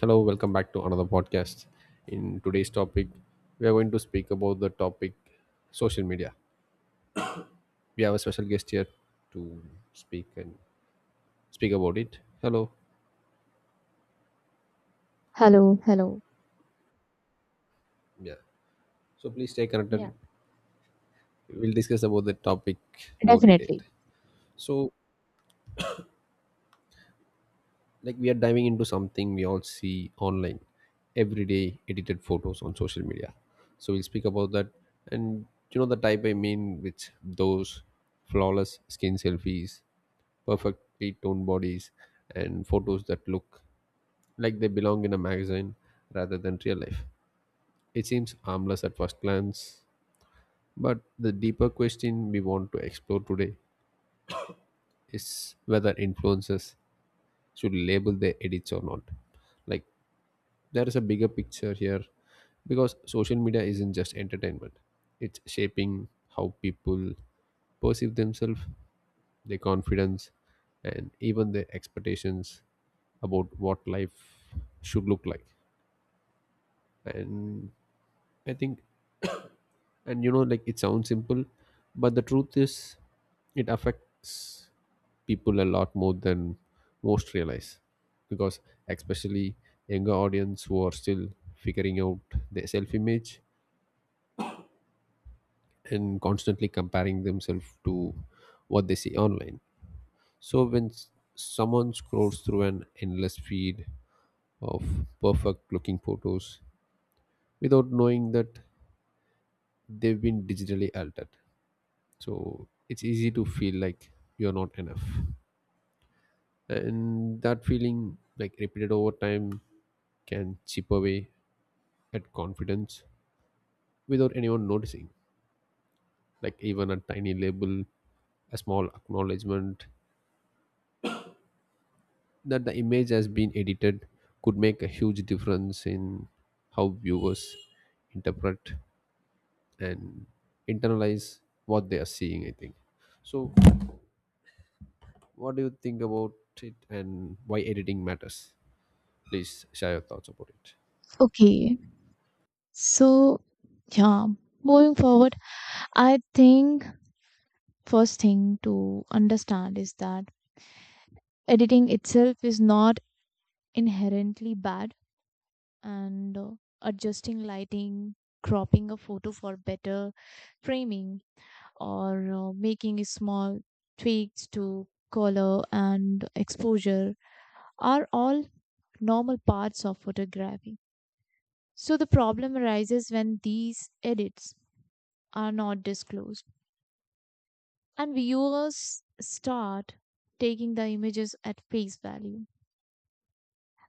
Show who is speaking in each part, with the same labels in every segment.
Speaker 1: Hello, welcome back to another podcast. In today's topic, we are going to speak about the topic social media. We have a special guest here to speak and speak about it. Hello.
Speaker 2: Hello, hello.
Speaker 1: Yeah. So please stay
Speaker 2: Yeah.
Speaker 1: connected. We'll discuss about the topic more detailed.
Speaker 2: Definitely.
Speaker 1: So like we are diving into something we all see online everyday, edited photos on social media, so we'll speak about that. And you know the type I mean, which those flawless skin selfies, perfectly toned bodies, and photos that look like they belong in a magazine rather than real life. It seems harmless at first glance, but the deeper question we want to explore today is whether influencers should label their edits or not. Like, there is a bigger picture here because social media isn't just entertainment, it's shaping how people perceive themselves, their confidence, and even their expectations about what life should look like. And I think, and you know, like it sounds simple, but the truth is it affects people a lot more than most realize. Because especially younger audience who are still figuring out their self image and constantly comparing themselves to what they see online. So when someone scrolls through an endless feed of perfect looking photos without knowing that they've been digitally altered, so it's easy to feel like you're not enough. And that feeling, like, repeated over time can chip away at confidence without anyone noticing. Like, even a tiny label, a small acknowledgement that the image has been edited could make a huge difference in how viewers interpret and internalize what they are seeing, I think. So, what do you think about it and why editing matters? Please share your thoughts about it.
Speaker 2: Okay. So, yeah, moving forward, I think first thing to understand is that editing itself is not inherently bad, and adjusting lighting, cropping a photo for better framing, or making small tweaks to color and exposure are all normal parts of photography. So the problem arises when these edits are not disclosed, and viewers start taking the images at face value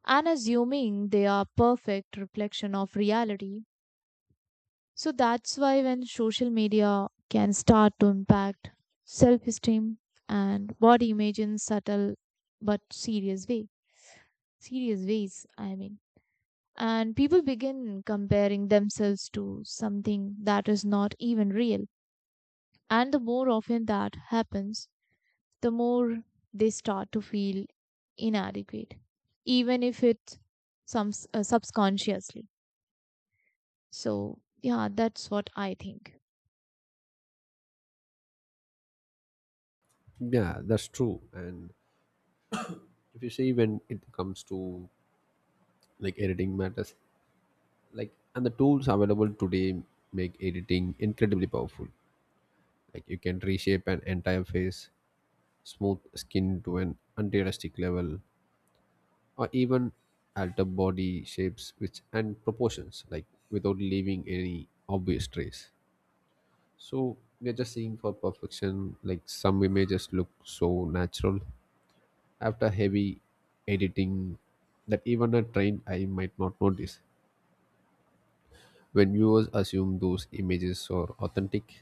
Speaker 2: and assuming they are perfect reflection of reality. So that's why when social media can start to impact self-esteem and body image in subtle but serious way, serious ways, I mean. And people begin comparing themselves to something that is not even real. And the more often that happens, the more they start to feel inadequate, even if it's some subconsciously. So, yeah, that's what I think.
Speaker 1: Yeah, that's true. And if you see, when it comes to like editing matters, like, and the tools available today make editing incredibly powerful. Like, you can reshape an entire face, smooth skin to an unrealistic level, or even alter body shapes which and proportions, like, without leaving any obvious trace. So we are just seeing for perfection. Like, some images look so natural after heavy editing that even a trained eye might not notice. When viewers assume those images are authentic,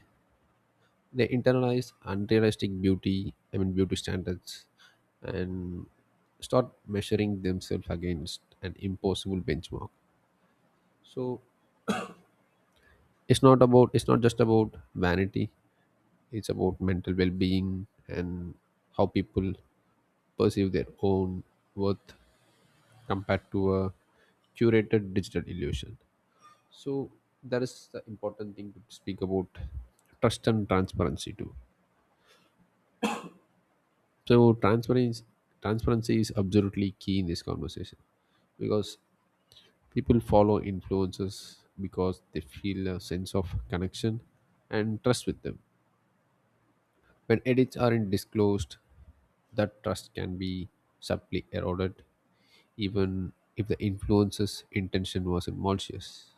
Speaker 1: they internalize unrealistic beauty, I mean beauty standards, and start measuring themselves against an impossible benchmark. So it's not about, it's not just about vanity, it's about mental well being and how people perceive their own worth compared to a curated digital illusion. So that is the important thing to speak about, trust and transparency too. So transparency is absolutely key in this conversation because people follow influencers because they feel a sense of connection and trust with them. When edits aren't disclosed, that trust can be subtly eroded even if the influencer's intention wasn't malicious.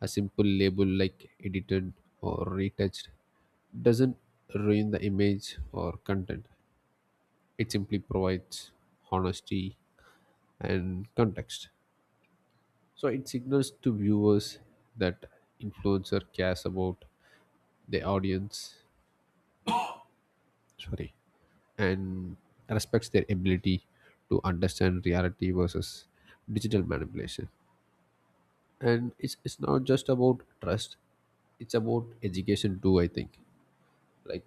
Speaker 1: A simple label like edited or retouched doesn't ruin the image or content. It simply provides honesty and context. So it signals to viewers that influencer cares about the audience, sorry, and respects their ability to understand reality versus digital manipulation. And it's not just about trust, it's about education too, I think. Like,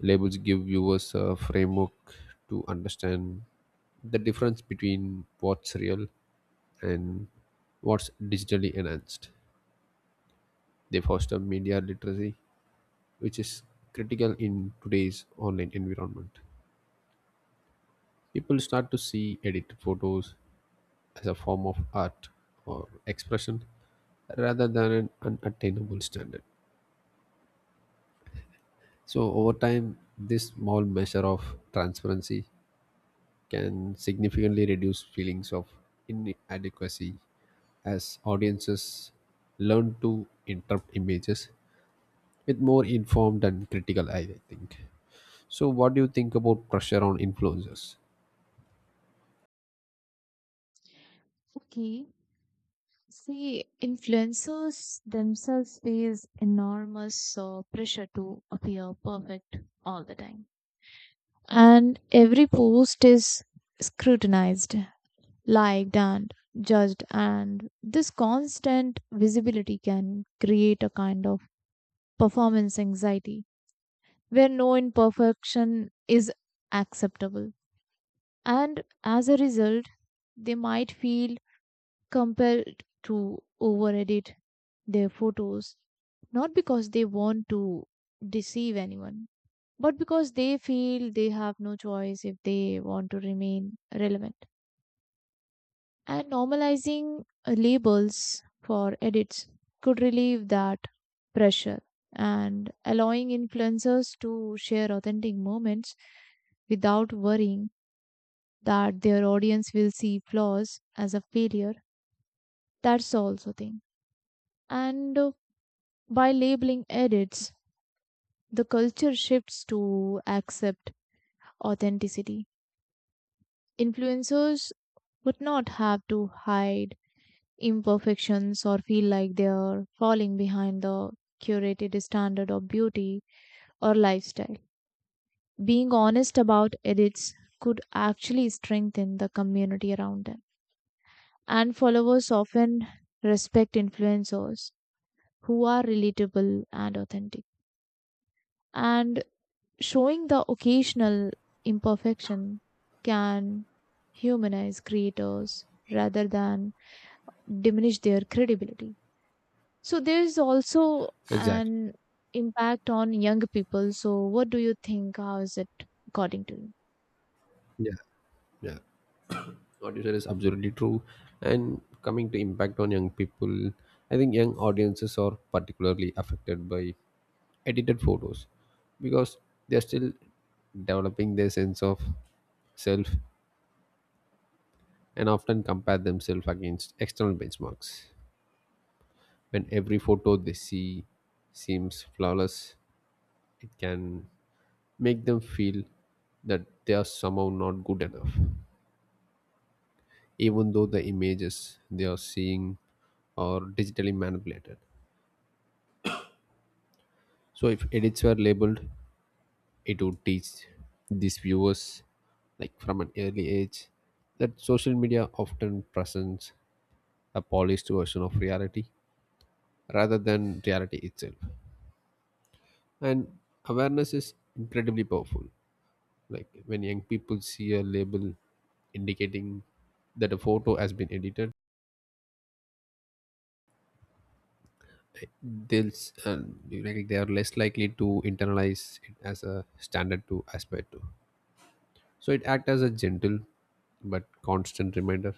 Speaker 1: labels give viewers a framework to understand the difference between what's real and what's digitally enhanced. They foster media literacy, which is critical in today's online environment. People start to see edited photos as a form of art or expression rather than an unattainable standard. So, over time, this small measure of transparency can significantly reduce feelings of inadequacy as audiences learn to interpret images with more informed and critical eye, I think. So, what do you think about pressure on influencers?
Speaker 2: Okay. See, influencers themselves face enormous pressure to appear perfect all the time. And every post is scrutinized, liked, and judged. And this constant visibility can create a kind of performance anxiety, where no imperfection is acceptable. And as a result, they might feel compelled to over edit their photos, not because they want to deceive anyone, but because they feel they have no choice if they want to remain relevant. And normalizing labels for edits could relieve that pressure and allowing influencers to share authentic moments without worrying that their audience will see flaws as a failure. That's also thing. And By labeling edits, the culture shifts to accept authenticity. Influencers would not have to hide imperfections or feel like they are falling behind the curated standard of beauty or lifestyle. Being honest about edits could actually strengthen the community around them. And followers often respect influencers who are relatable and authentic. And showing the occasional imperfection can humanize creators rather than diminish their credibility. So there's also
Speaker 1: Exactly.
Speaker 2: an impact on young people. So what do you think? How is it according to you?
Speaker 1: Yeah. Yeah, what you said is absolutely true. And coming to impact on young people, I think young audiences are particularly affected by edited photos because they're still developing their sense of self and often compare themselves against external benchmarks. When every photo they see seems flawless, it can make them feel that they are somehow not good enough, even though the images they are seeing are digitally manipulated. So, if edits were labeled, it would teach these viewers, like from an early age, that social media often presents a polished version of reality rather than reality itself. And awareness is incredibly powerful. Like when young people see a label indicating that a photo has been edited, they'll s- and like they are less likely to internalize it as a standard to aspire to. So it acts as a gentle but constant reminder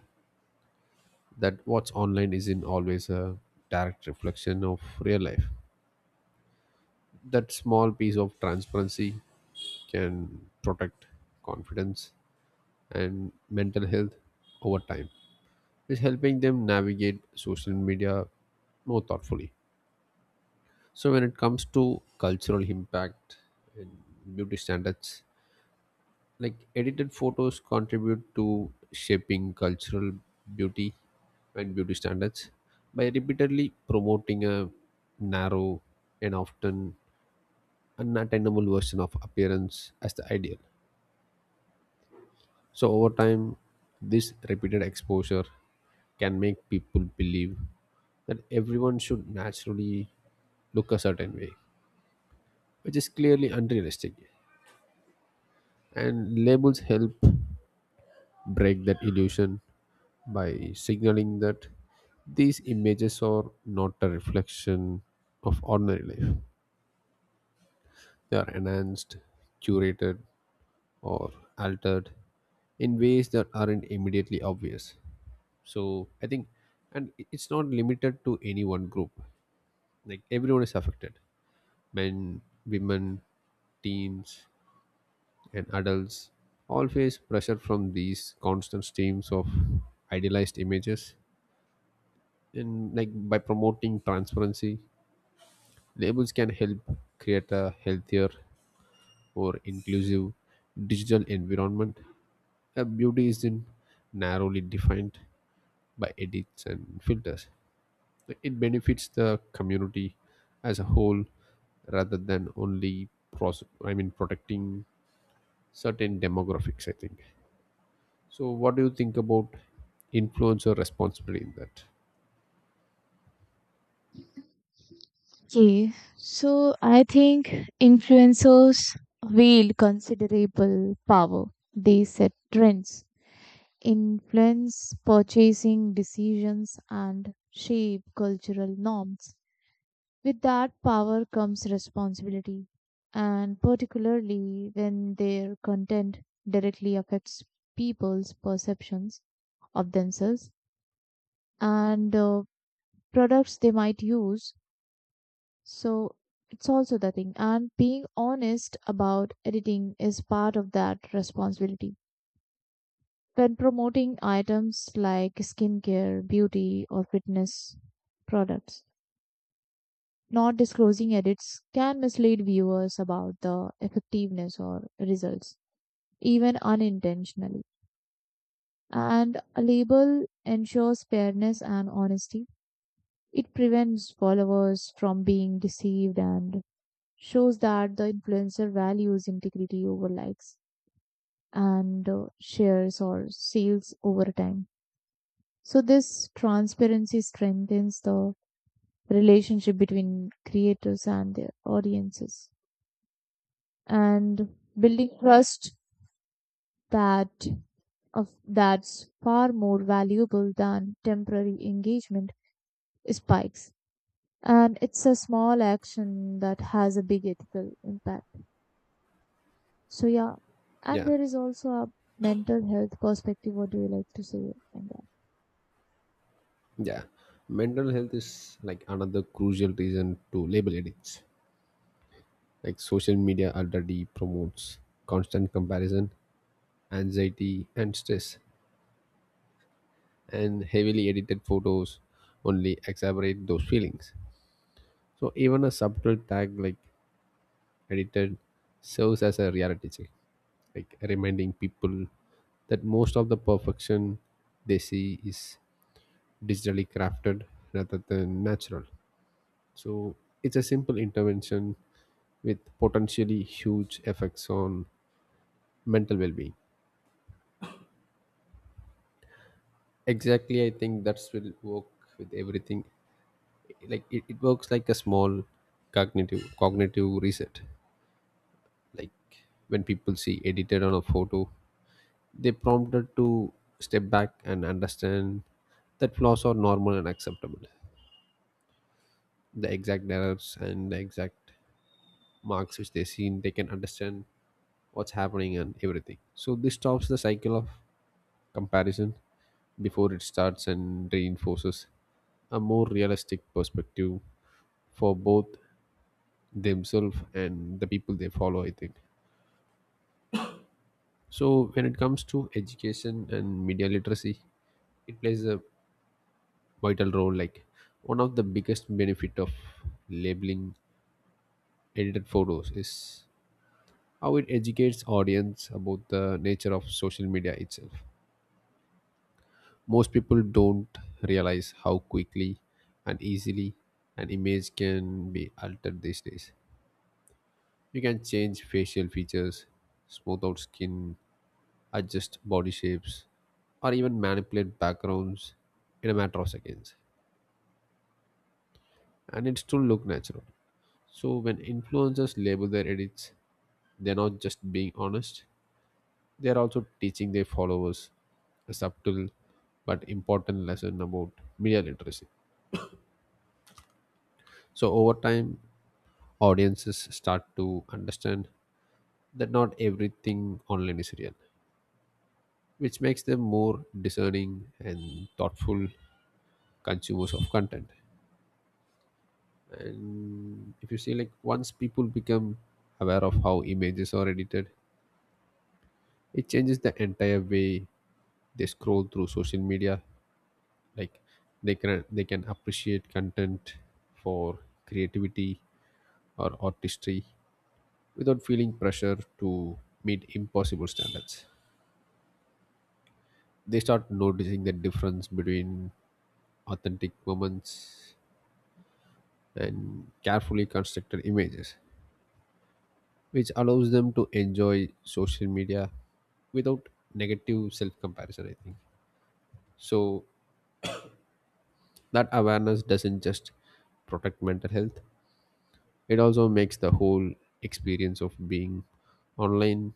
Speaker 1: that what's online isn't always a direct reflection of real life. That small piece of transparency can protect confidence and mental health over time, is helping them navigate social media more thoughtfully. So when it comes to cultural impact and beauty standards, like edited photos contribute to shaping cultural beauty and beauty standards by repeatedly promoting a narrow and often unattainable version of appearance as the ideal. So over time, this repeated exposure can make people believe that everyone should naturally look a certain way, which is clearly unrealistic. And labels help break that illusion by signaling that these images are not a reflection of ordinary life. They are enhanced, curated, or altered in ways that aren't immediately obvious. So I think, and it's not limited to any one group. Like, everyone is affected, men, women, teens, and adults all face pressure from these constant streams of idealized images. And, like, by promoting transparency, labels can help create a healthier or inclusive digital environment. A beauty isn't narrowly defined by edits and filters. It benefits the community as a whole rather than only protecting certain demographics, I think. So what do you think about influencer responsibility in that?
Speaker 2: Okay, so I think influencers wield considerable power. They set trends, influence purchasing decisions, and shape cultural norms. With that power comes responsibility, and particularly when their content directly affects people's perceptions of themselves and products they might use. So it's also the thing. And being honest about editing is part of that responsibility. When promoting items like skincare, beauty, or fitness products, not disclosing edits can mislead viewers about the effectiveness or results, even unintentionally. And a label ensures fairness and honesty. It prevents followers from being deceived and shows that the influencer values integrity over likes and shares or sales over time. So, this transparency strengthens the relationship between creators and their audiences. And building trust that of that's far more valuable than temporary engagement spikes. And it's a small action that has a big ethical impact. So yeah, and
Speaker 1: Yeah.
Speaker 2: there is also a mental health perspective. What do you like to say on that?
Speaker 1: Yeah, mental health is like another crucial reason to label addicts. Like, social media already promotes constant comparison, anxiety, and stress, and heavily edited photos only exacerbate those feelings. So even a subtle tag like edited serves as a reality check, like reminding people that most of the perfection they see is digitally crafted rather than natural. So it's a simple intervention with potentially huge effects on mental well-being. Exactly, I think that's will work with everything. Like it works like a small cognitive reset. Like when people see edited on a photo, they prompted to step back and understand that flaws are normal and acceptable. The exact errors and the exact marks which they seen, they can understand what's happening and everything. So this stops the cycle of comparison before it starts and reinforces a more realistic perspective for both themselves and the people they follow, I think. So when it comes to education and media literacy, it plays a vital role. Like, one of the biggest benefit of labeling edited photos is how it educates audience about the nature of social media itself. Most people don't realize how quickly and easily an image can be altered these days. You can change facial features, smooth out skin, adjust body shapes, or even manipulate backgrounds in a matter of seconds and it still look natural. So when influencers label their edits, they're not just being honest, they're also teaching their followers a subtle but important lesson about media literacy. So, over time, audiences start to understand that not everything online is real, which makes them more discerning and thoughtful consumers of content. And if you see, like, once people become aware of how images are edited, it changes the entire way they scroll through social media. Like, they can appreciate content for creativity or artistry without feeling pressure to meet impossible standards. They start noticing the difference between authentic moments and carefully constructed images, which allows them to enjoy social media without negative self comparison, I think. So that awareness doesn't just protect mental health, it also makes the whole experience of being online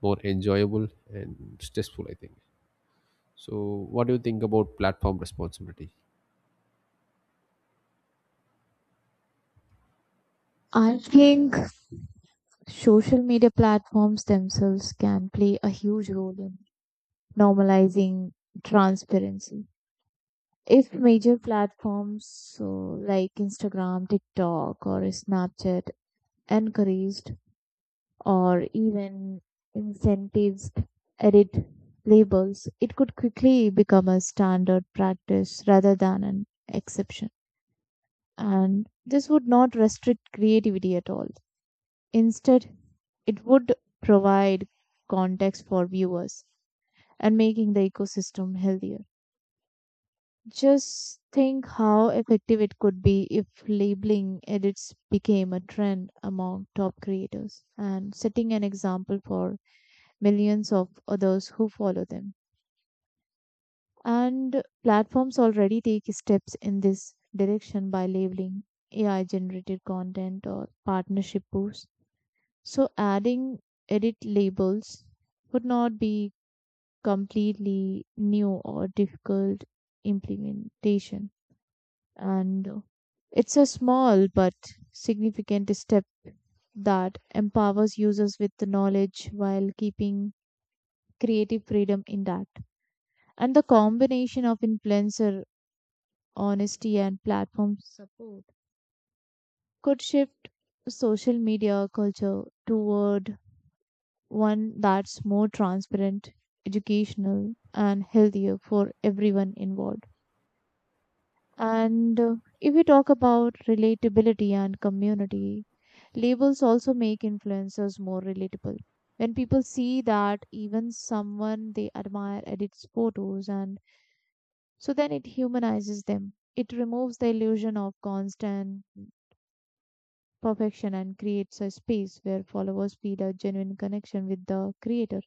Speaker 1: more enjoyable and stressful, I think. So, what do you think about platform responsibility?
Speaker 2: I think social media platforms themselves can play a huge role in normalizing transparency. If major platforms so like Instagram, TikTok, or Snapchat encouraged or even incentives edit labels, it could quickly become a standard practice rather than an exception. And this would not restrict creativity at all. Instead, it would provide context for viewers and making the ecosystem healthier. Just think how effective it could be if labeling edits became a trend among top creators and setting an example for millions of others who follow them. And platforms already take steps in this direction by labeling AI generated content or partnership posts. So adding edit labels would not be completely new or difficult implementation. And it's a small but significant step that empowers users with the knowledge while keeping creative freedom intact. And the combination of influencer honesty and platform support could shift social media culture toward one that's more transparent, educational, and healthier for everyone involved. And If we talk about relatability and community, labels also make influencers more relatable. When people see that even someone they admire edits photos, and so then it humanizes them. It removes the illusion of constant perfection and creates a space where followers feel a genuine connection with the creator.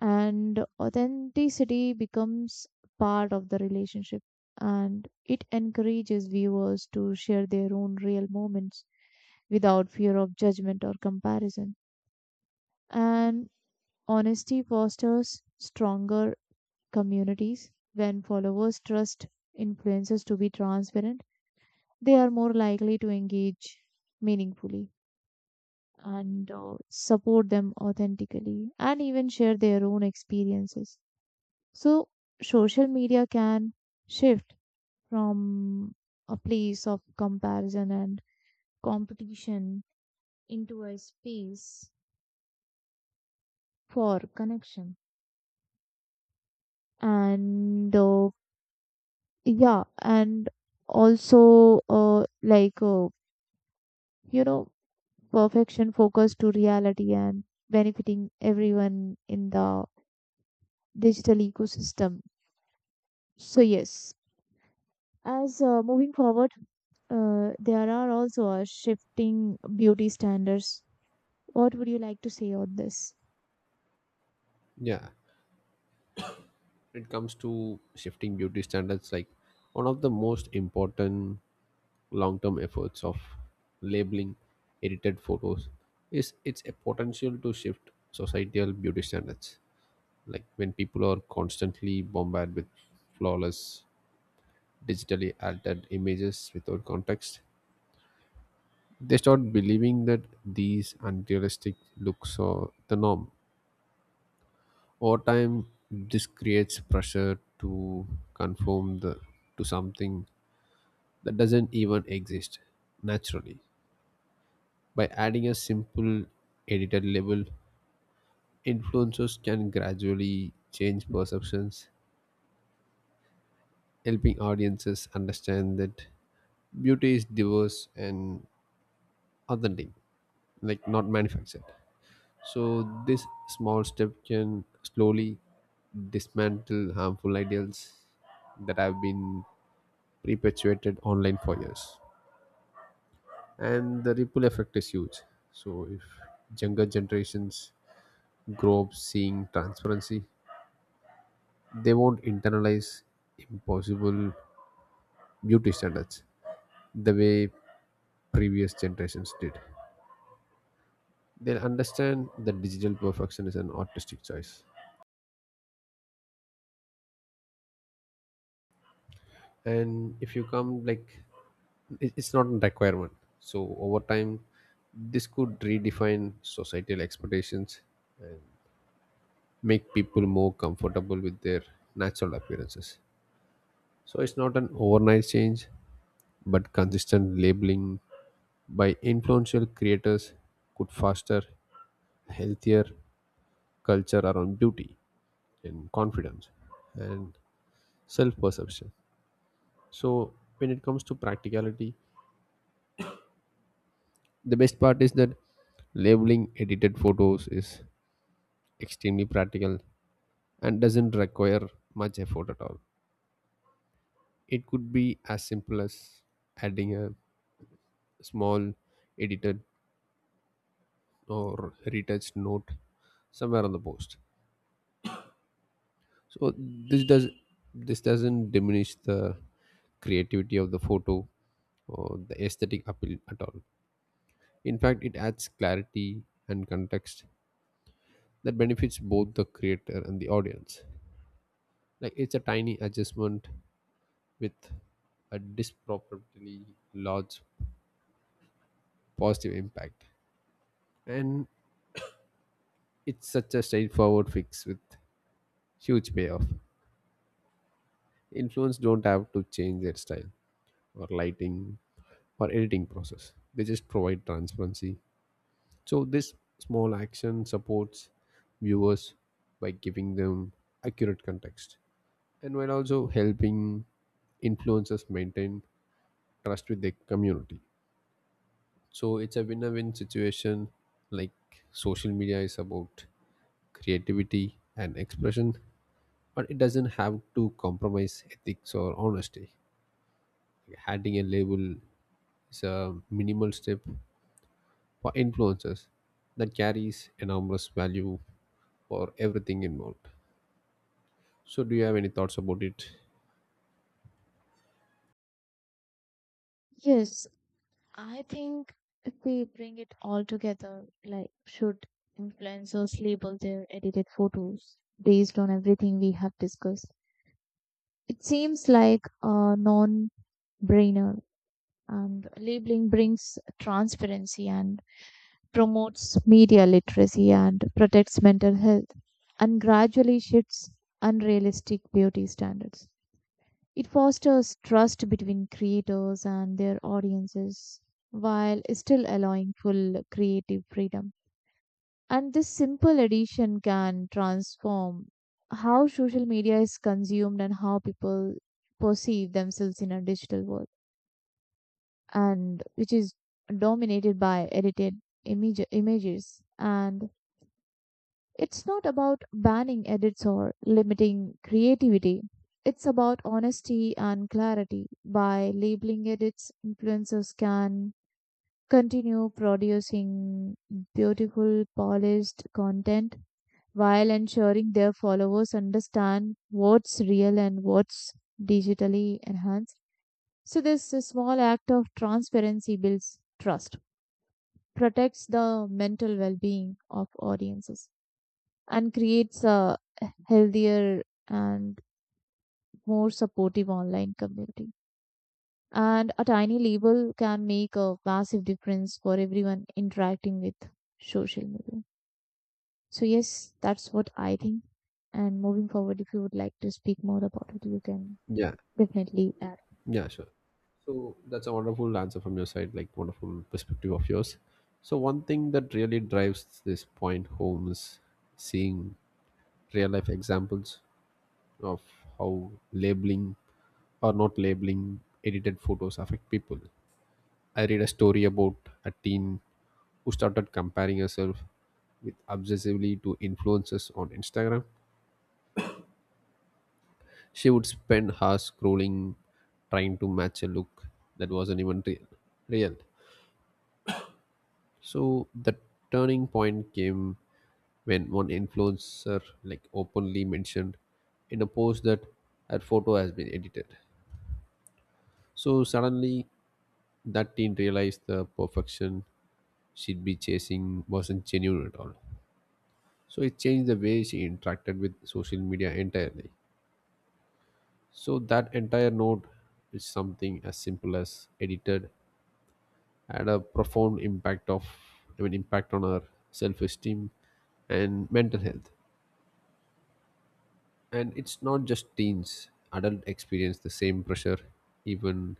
Speaker 2: And authenticity becomes part of the relationship, and it encourages viewers to share their own real moments without fear of judgment or comparison. And honesty fosters stronger communities. When followers trust influencers to be transparent, they are more likely to engage meaningfully and support them authentically and even share their own experiences. So, social media can shift from a place of comparison and competition into a space for connection and yeah and also like you know perfection focus to reality and benefiting everyone in the digital ecosystem. So yes, as moving forward, there are also a shifting beauty standards. What would you like to say on this?
Speaker 1: Yeah, when it comes to shifting beauty standards, like, one of the most important long term efforts of labeling edited photos is its a potential to shift societal beauty standards. Like when people are constantly bombarded with flawless digitally altered images without context, they start believing that these unrealistic looks are the norm. Over time, this creates pressure to conform the, to something that doesn't even exist naturally. By adding a simple edited label, influencers can gradually change perceptions, helping audiences understand that beauty is diverse and authentic, like not manufactured. So, this small step can slowly dismantle harmful ideals that have been perpetuated online for years. And the ripple effect is huge. So, if younger generations grow up seeing transparency, they won't internalize impossible beauty standards the way previous generations did. They'll understand that digital perfection is an artistic choice. And if you come like it's not a requirement, so over time this could redefine societal expectations and make people more comfortable with their natural appearances. So it's not an overnight change, but consistent labeling by influential creators could foster healthier culture around beauty and confidence and self perception. So when it comes to practicality, the best part is that labeling edited photos is extremely practical and doesn't require much effort at all. It could be as simple as adding a small edited or retouched note somewhere on the post. So this doesn't diminish the creativity of the photo or the aesthetic appeal at all. In fact, it adds clarity and context that benefits both the creator and the audience. Like it's a tiny adjustment with a disproportionately large positive impact. And it's such a straightforward fix with huge payoff. Influence don't have to change their style or lighting or editing process. They just provide transparency. So this small action supports viewers by giving them accurate context and while also helping influencers maintain trust with their community. So it's a win-win situation. Like social media is about creativity and expression, but it doesn't have to compromise ethics or honesty. Like, adding a label is a minimal step for influencers that carries enormous value for everything involved. So do you have any thoughts about it?
Speaker 2: Yes, I think if we bring it all together, like should influencers label their edited photos based on everything we have discussed? It seems like a non brainer, and labeling brings transparency and promotes media literacy and protects mental health and gradually shifts unrealistic beauty standards. It fosters trust between creators and their audiences while still allowing full creative freedom. And this simple addition can transform how social media is consumed and how people perceive themselves in a digital world, and which is dominated by edited images. And it's not about banning edits or limiting creativity. It's about honesty and clarity. By labeling edits, influencers can continue producing beautiful, polished content while ensuring their followers understand what's real and what's digitally enhanced. So, this small act of transparency builds trust, protects the mental well being of audiences, and creates a healthier and more supportive online community. And a tiny label can make a massive difference for everyone interacting with social media. So yes, that's what I think. And moving forward, if you would like to speak more about it, you can
Speaker 1: Yeah,
Speaker 2: definitely add.
Speaker 1: Yeah, sure. So that's a wonderful answer from your side, like wonderful perspective of yours. So one thing that really drives this point home is seeing real life examples of how labeling or not labeling edited photos affect people. I read a story about a teen who started comparing herself with obsessively to influencers on Instagram. She would spend hours scrolling, trying to match a look that wasn't even real. Real. So the turning point came when one influencer like openly mentioned in a post that her photo has been edited. So suddenly that teen realized the perfection she'd be chasing wasn't genuine at all. So it changed the way she interacted with social media entirely. So that entire note is something as simple as edited had a profound impact of impact on her self esteem and mental health. And it's not just teens, adults experience the same pressure, even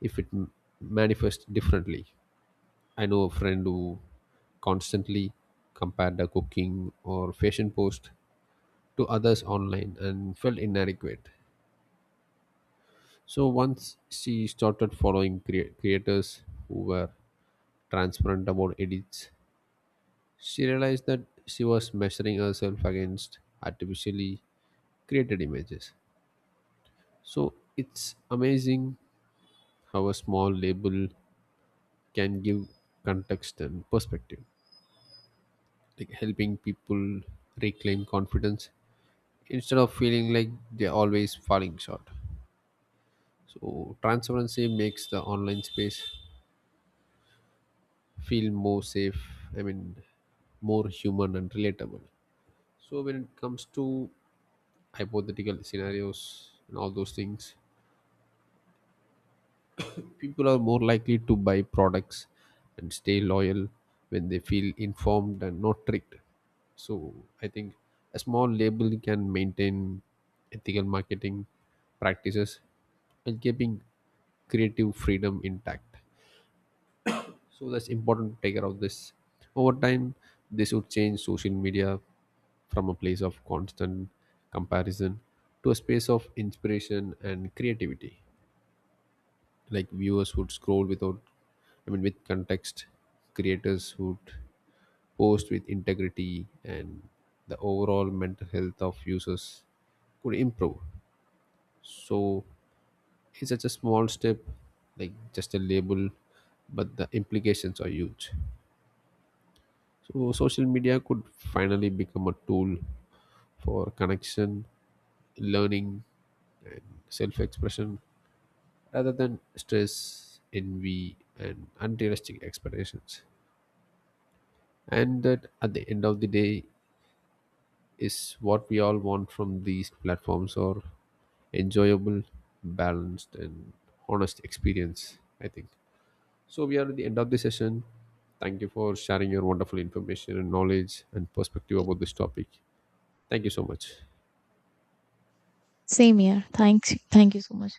Speaker 1: if manifests differently. I know a friend who constantly compared her cooking or fashion post to others online and felt inadequate. So once she started following creators who were transparent about edits, she realized that she was measuring herself against artificially created images. So it's amazing how a small label can give context and perspective, like helping people reclaim confidence instead of feeling like they're always falling short. So transparency makes the online space feel more safe, i mean more human and relatable. So when it comes to hypothetical scenarios and all those things, people are more likely to buy products and stay loyal when they feel informed and not tricked. So I think a small label can maintain ethical marketing practices and keeping creative freedom intact. So that's important to take care of this. Over time, this would change social media from a place of constant comparison to a space of inspiration and creativity, like viewers would scroll without with context, creators would post with integrity, and the overall mental health of users could improve. So it's such a small step, like just a label, but the implications are huge. So social media could finally become a tool for connection, learning, and self-expression rather than stress, envy, and unrealistic expectations. And that at the end of the day is what we all want from these platforms or enjoyable, balanced, and honest experience, I think. So we are at the end of the session. Thank you for sharing your wonderful information and knowledge and perspective about this topic. Thank you so much.
Speaker 2: Same here. Thanks. Thank you so much.